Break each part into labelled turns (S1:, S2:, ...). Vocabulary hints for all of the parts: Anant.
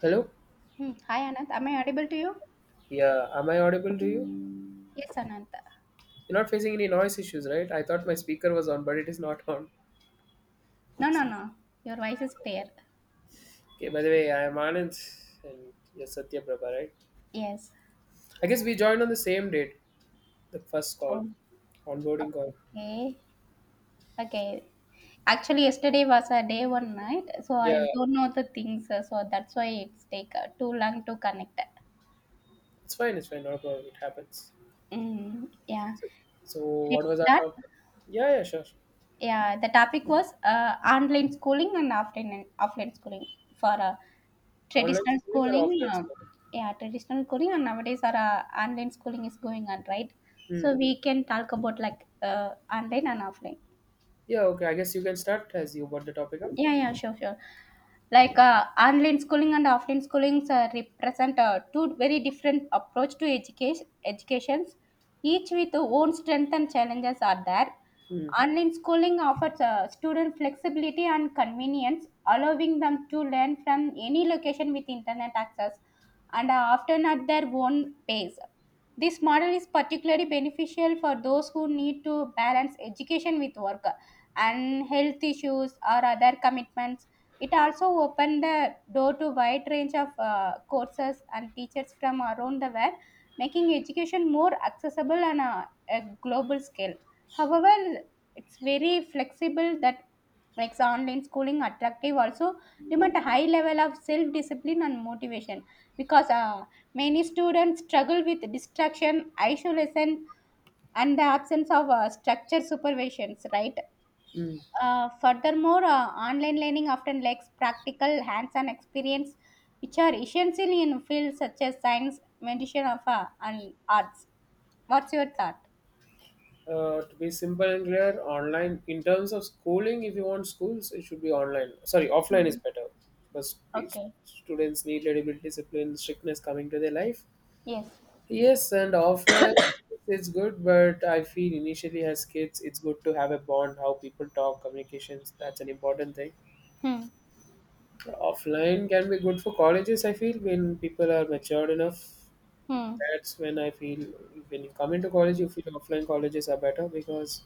S1: Hello?
S2: Hmm. Hi, Anant. Am I audible to you?
S1: Yeah, am I audible to you?
S2: Yes, Anant.
S1: You're not facing any noise issues, right? I thought my speaker was on, but it is not on.
S2: No, no, no. Your voice is clear.
S1: Okay, by the way, I am Anand and you're Satya Prabha, right?
S2: Yes.
S1: I guess we joined on the same date, the first call, onboarding call.
S2: Okay. Okay. Actually, yesterday was a day one night, so I
S1: Yeah,
S2: don't know the things, so that's why it's take too long to connect.
S1: it's fine, not a problem, it happens.
S2: Mm, yeah.
S1: So, so
S2: Let's
S1: what was our
S2: start.
S1: topic? Yeah, yeah, sure. Sure.
S2: Yeah. The topic was online schooling and offline schooling for
S1: Online
S2: traditional
S1: schooling or
S2: schooling,
S1: offline schooling?
S2: yeah, traditional schooling, and nowadays our online schooling is going on, right?
S1: Hmm.
S2: So we can talk about like online and offline.
S1: Yeah, okay, I guess you can start as you brought the topic up.
S2: Yeah, yeah, sure, sure. Like online schooling and offline schooling represent two very different approach to education. Educations, each with own strength and challenges are there.
S1: Hmm.
S2: Online schooling offers student flexibility and convenience, allowing them to learn from any location with internet access and often at their own pace. This model is particularly beneficial for those who need to balance education with work and health issues or other commitments. It also opened the door to wide range of courses and teachers from around the world, making education more accessible on a global scale. However, it's very flexible that makes online schooling attractive also demand a high level of self-discipline and motivation because many students struggle with distraction, isolation, and the absence of structured supervisions, right?
S1: Hmm.
S2: Furthermore, online learning often lacks practical hands on experience, which are essential in fields such as science, medicine, of, and arts. What's your thought?
S1: To be simple and clear, online in terms of schooling, if you want schools, it should be online. Sorry, offline is
S2: Mm.
S1: better because these
S2: Okay.
S1: students need little bit discipline, strictness coming to their life.
S2: Yes.
S1: Yes, and offline it's good, but I feel initially as kids, it's good to have a bond, how people talk, communications. That's an important thing.
S2: Hmm.
S1: Offline can be good for colleges. I feel when people are matured enough,
S2: Hmm.
S1: that's when I feel when you come into college, you feel offline colleges are better because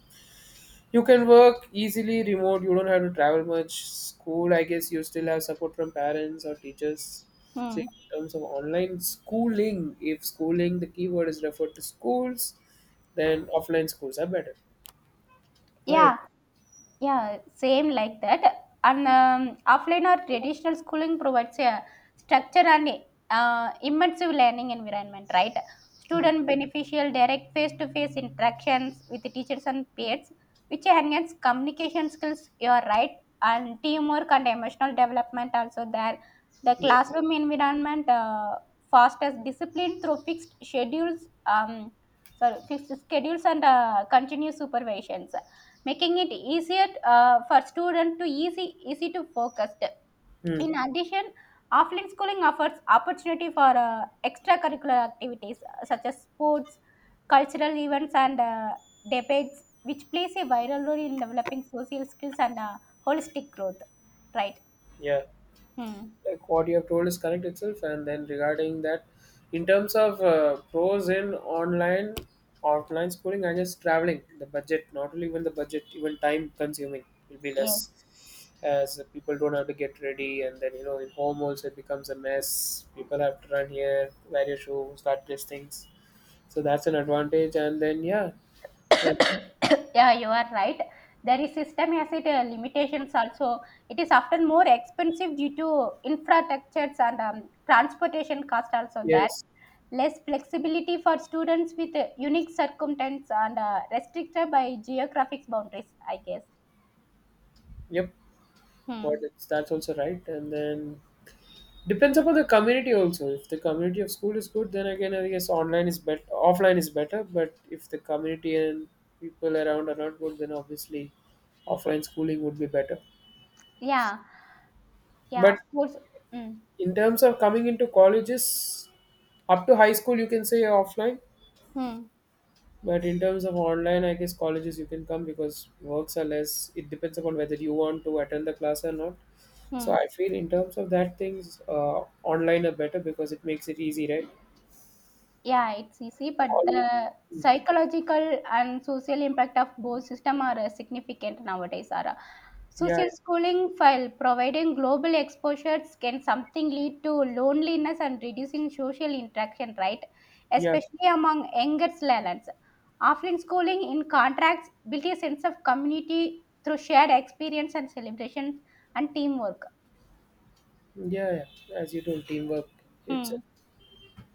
S1: you can work easily remote. You don't have to travel much. School, I guess you still have support from parents or teachers. So
S2: Hmm.
S1: in terms of online schooling, if schooling, the keyword is referred to schools, then offline schools are better. My op-
S2: Yeah. Yeah, same like that. And offline or traditional schooling provides a structure and immersive learning environment, right?
S1: Hmm.
S2: Student beneficial direct face-to-face interactions with the teachers and peers, which enhance communication skills. You're right, and teamwork and emotional development also there. The
S1: Yeah.
S2: classroom environment fosters discipline through fixed schedules. Sorry, fixed schedules and continuous supervisions making it easier for students to easy to focus.
S1: Hmm.
S2: In addition, offline schooling offers opportunity for extracurricular activities such as sports, cultural events, and debates, which plays a viral role in developing social skills and holistic growth. Right.
S1: Yeah.
S2: Hmm.
S1: Like what you have told is correct itself, and then regarding that, in terms of pros in online offline schooling, I guess traveling, the budget, not only even the budget, even time consuming will be less,
S2: Yes.
S1: as people don't have to get ready, and then you know in home also it becomes a mess, people have to run here, wear your shoe, start these things. So that's an advantage. And then yeah, uh,
S2: Yeah, you are right. There is system asset limitations also, it is often more expensive due to infrastructures and transportation cost also there,
S1: yes.
S2: less flexibility for students with unique circumstances and restricted by geographic boundaries, I guess.
S1: Yep. What
S2: Hmm.
S1: it's, that's also right. And then depends upon the community also. If the community of school is good, then again I guess online is better. Offline is better, but if the community and people around are not good, then obviously offline schooling would be better.
S2: Yeah, yeah,
S1: But
S2: of course. Mm.
S1: in terms of coming into colleges, up to high school you can say offline.
S2: Hmm.
S1: But in terms of online, I guess colleges you can come because works are less. It depends upon whether you want to attend the class or not. So
S2: Hmm.
S1: I feel in terms of that things, online are better because it makes it easy, right?
S2: Yeah, it's easy, but
S1: All-
S2: the psychological and social impact of both system are significant nowadays, Sarah.
S1: Yeah,
S2: Social schooling, while providing global exposures, can something lead to loneliness and reducing social interaction, right?
S1: yeah,
S2: Especially among younger learners, offline schooling, in contrast, build a sense of community through shared experience and celebrations and teamwork.
S1: yeah, yeah. As you told, teamwork, it's a
S2: Hmm.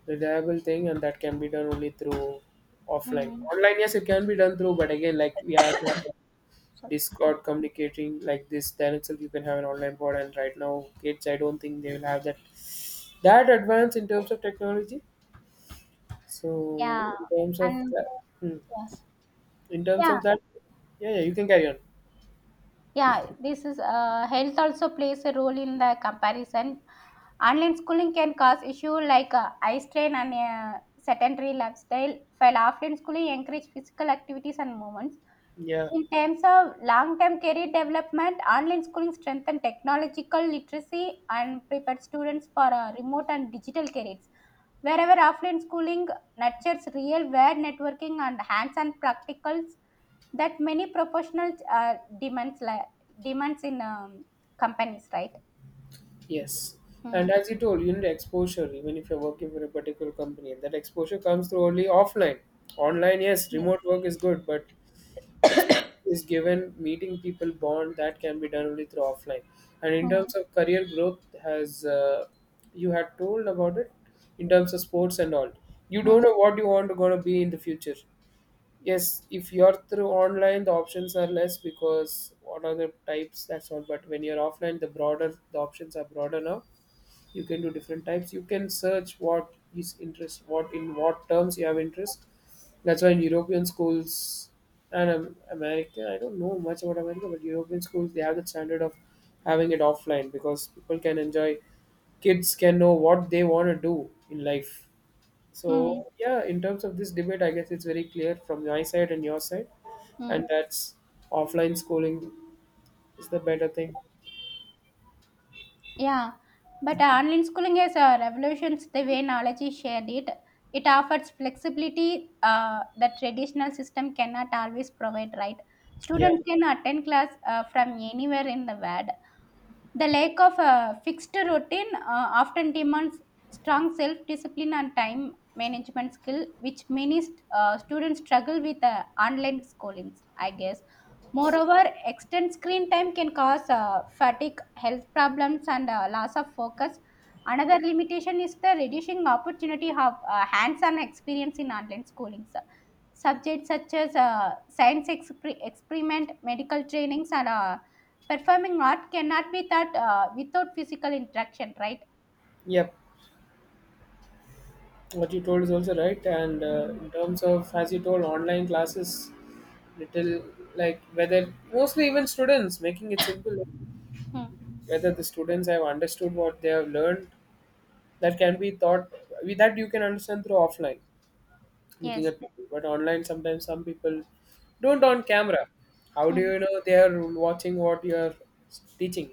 S1: reliable thing, and that can be done only through offline.
S2: Hmm.
S1: Online, yes, it can be done through, but again, like we have to have a
S2: So,
S1: Discord communicating like this. Then itself, you can have an online board. And right now, kids, I don't think they will have that advance in terms of technology.
S2: yeah.
S1: So in terms of
S2: And
S1: that, hmm,
S2: yes.
S1: in terms
S2: Yeah.
S1: of that, yeah, yeah, you can carry on.
S2: Yeah, this is health also plays a role in the comparison. Online schooling can cause issue like eye strain and sedentary lifestyle, while offline schooling encourage physical activities and movements.
S1: Yeah.
S2: In terms of long term career development, online schooling strengthens technological literacy and prepares students for remote and digital careers. Wherever offline schooling nurtures real world networking and hands on practicals that many professionals demands, demands in companies, right?
S1: Yes. And
S2: Hmm.
S1: as you told, you need exposure, even if you're working for a particular company. That exposure comes through only offline. Online, yes,
S2: Yes.
S1: remote work is good, but experience is given, meeting people bond, that can be done only through offline. And in
S2: Hmm.
S1: terms of career growth, has you had told about it in terms of sports and all. You
S2: Hmm.
S1: don't know what you want to gonna be in the future. Yes, if you're through online, the options are less because what are the types? That's all. But when you're offline, the broader, the options are broader now. You can do different types, you can search what is interest, what in what terms you have interest. That's why in European schools and America, I don't know much about America, but European schools, they have the standard of having it offline because people can enjoy, kids can know what they want to do in life.
S2: Hmm.
S1: So yeah, in terms of this debate, I guess it's very clear from my side and your side,
S2: Hmm.
S1: and that's offline schooling is the better thing.
S2: Yeah, but online schooling has revolutions the way knowledge is shared. It offers flexibility that traditional system cannot always provide. Right,
S1: Yeah.
S2: students can attend class from anywhere in the world, the lack of a fixed routine often demands strong self discipline and time management skill, which many students struggle with online schooling, I guess. Moreover, extended screen time can cause fatigue, health problems, and loss of focus. Another limitation is the reducing opportunity of hands on experience in online schooling. Subjects such as science experiment, medical trainings, and performing art cannot be that without physical interaction, right?
S1: Yep. What you told is also right. And
S2: Mm.
S1: in terms of, as you told, online classes little, like whether mostly even students making it simple,
S2: Hmm.
S1: whether the students have understood what they have learned, that can be taught. With that you can understand through offline, looking
S2: Yes.
S1: at people. But online sometimes some people don't on camera, how do
S2: Hmm.
S1: you know they are watching what you are teaching?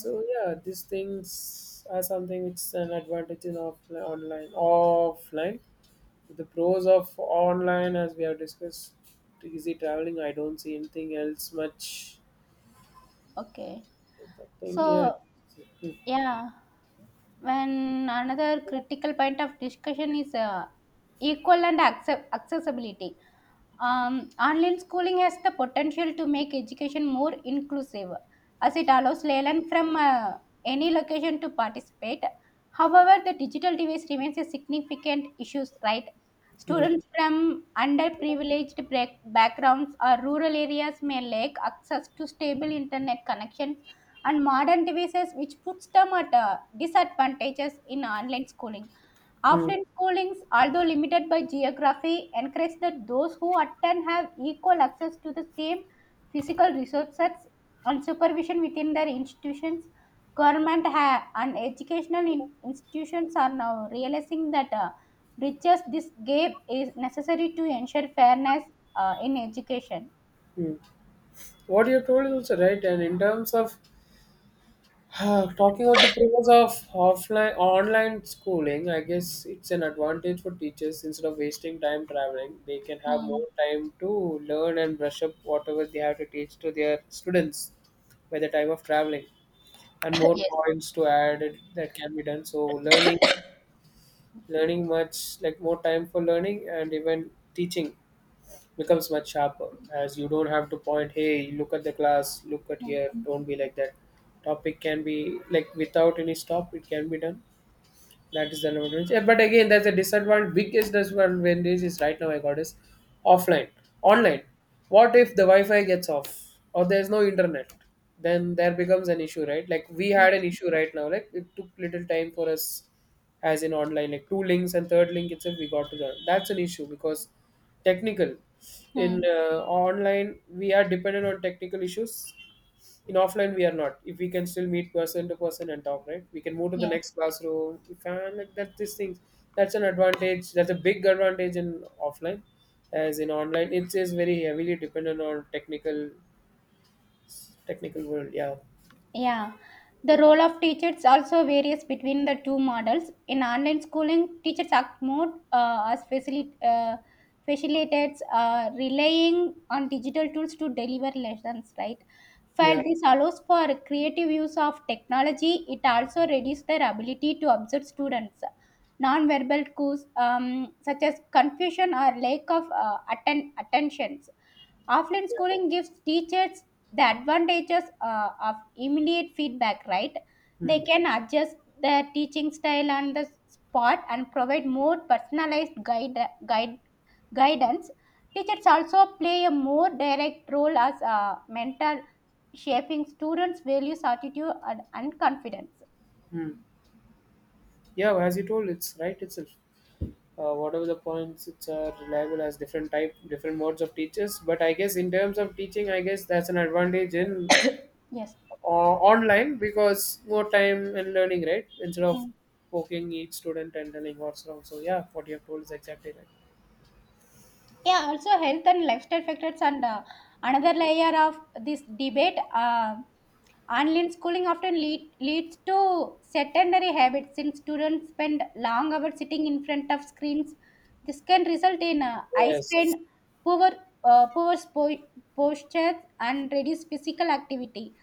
S1: So yeah, these things are something which is an advantage in offline. Online, offline, the pros of online, as we have discussed, easy traveling. I don't see anything else much.
S2: Okay.
S1: Something, yeah.
S2: So,
S1: Mm,
S2: yeah, when another critical point of discussion is equal and accessibility. Online schooling has the potential to make education more inclusive as it allows Leyland from any location to participate. However, the digital device remains a significant issue, right?
S1: mm,
S2: Students from underprivileged backgrounds or rural areas may lack access to stable internet connections and modern devices, which puts them at disadvantages in online schooling.
S1: mm,
S2: Affluent schoolings, although limited by geography, encourage that those who attend have equal access to the same physical resources and supervision within their institutions. Government and educational institutions are now realizing that bridges this gap is necessary to ensure fairness in education.
S1: mm. What you told is also right. And in terms of talking about the pros of offline online schooling, I guess it's an advantage for teachers. Instead of wasting time traveling, they can have
S2: Hmm.
S1: more time to learn and brush up whatever they have to teach to their students by the time of traveling, and more
S2: Yes.
S1: points to add it, that can be done. So learning much, like more time for learning, and even teaching becomes much sharper as you don't have to point, hey, look at the class, look at
S2: Hmm.
S1: here, don't be like that. Topic can be like without any stop, it can be done. That is the advantage. Yeah, but again, that's a disadvantage. Biggest disadvantage is right now I got is offline, online. What if the Wi-Fi gets off or there's no internet? Then there becomes an issue, right? Like we had an
S2: Yes.
S1: issue right now. Like it took little time for us, as in online, like two links and third link itself we got to the. That's an issue because technical, in
S2: Hmm.
S1: online we are dependent on technical issues. In offline we are not, if we can still meet person to person and talk, right? We can move to the
S2: Yes.
S1: next classroom, we can like that, these things. That's an advantage, that's a big advantage in offline, as in online it is very heavily dependent on technical world. Yeah.
S2: Yeah, the role of teachers also varies between the two models. In online schooling, teachers act more as facilitators, relying on digital tools to deliver lessons, right?
S1: Yeah.
S2: While this allows for creative use of technology, it also reduces their ability to observe students. Non-verbal cues such as confusion or lack of attentions. Offline
S1: Yeah.
S2: schooling gives teachers the advantages of immediate feedback, right?
S1: Hmm.
S2: They can adjust their teaching style on the spot and provide more personalized guide, guide guidance. Teachers also play a more direct role as a mentor, shaping students' values, attitude, and confidence.
S1: Hmm. Yeah, as you told, it's right itself. Whatever the points, it's are reliable as different type, different modes of teachers. But I guess in terms of teaching, I guess that's an advantage in
S2: Yes.
S1: online because more time in learning, right? Instead of poking each student and telling what's wrong. So yeah, what you have told is exactly right.
S2: Yeah, also health and lifestyle factors and another layer of this debate. Online schooling often leads to sedentary habits since students spend long hours sitting in front of screens. This can result in eye
S1: Yes.
S2: strain, poor, poor posture, and reduced physical activity.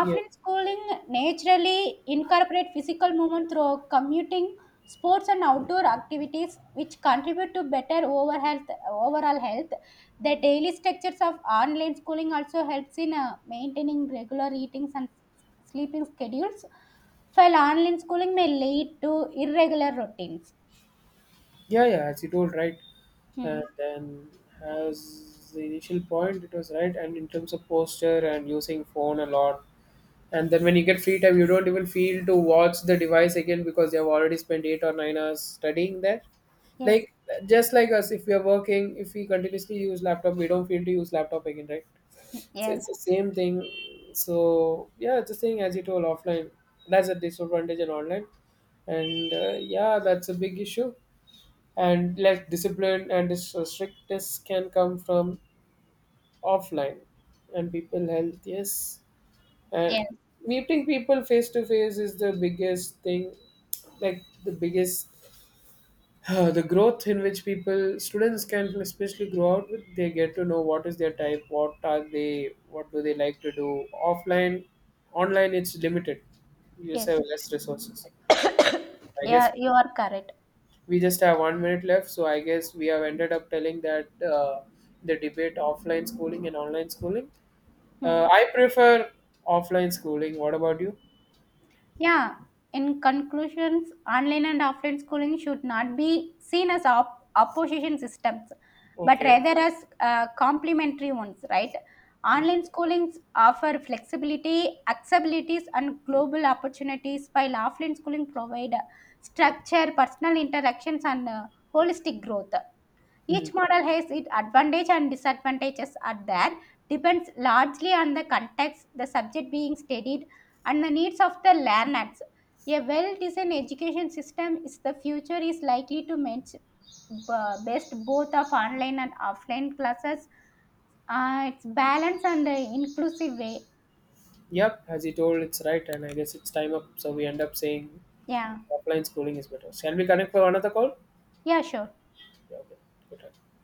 S1: Yeah.
S2: schooling naturally incorporate physical movement through commuting sports and outdoor activities which contribute to better overall health. The daily structures of online schooling also helps in maintaining regular eating and sleeping schedules, while online schooling may lead to irregular routines.
S1: Yeah. Yeah. As you told, right.
S2: Hmm.
S1: And then as the initial point, it was right. And in terms of posture and using phone a lot. And then when you get free time, you don't even feel to watch the device again because they have already spent 8 or 9 hours studying there.
S2: Yes.
S1: Like, just like us, if we are working, if we continuously use laptop, we don't feel to use laptop again, right? It's
S2: Yes,
S1: the same thing. So yeah, it's the same as you told, offline. That's a disadvantage in online. And yeah, that's a big issue. And less discipline and this strictness can come from offline. And people health, yes. And
S2: yes.
S1: meeting people face to face is the biggest thing, like the biggest, the growth in which people, students can especially grow out with, they get to know what is their type, what are they, what do they like to do offline. Online it's limited, you just
S2: Yes.
S1: have less resources, I guess.
S2: Yeah, you are correct.
S1: We just have 1 minute left, so I guess we have ended up telling that, the debate offline schooling and online schooling,
S2: Hmm.
S1: I prefer offline schooling. What about you?
S2: Yeah, in conclusions, online and offline schooling should not be seen as opposition systems, but
S1: Okay.
S2: rather as complementary ones, right? Online schoolings offer flexibility, accessibilities, and global opportunities, while offline schooling provide structure, personal interactions, and holistic growth.
S1: Hmm.
S2: Each model has its advantage and disadvantages are there, depends largely on the context, the subject being studied, and the needs of the learners. A well-designed education system is the future is likely to match best both of online and offline classes. It's balanced and inclusive way.
S1: Yep, as he told, it's right, and I guess it's time up. So we end up saying
S2: Yeah,
S1: offline schooling is better. Shall we connect for another call?
S2: yeah, sure.
S1: Yeah, okay. Good. Time.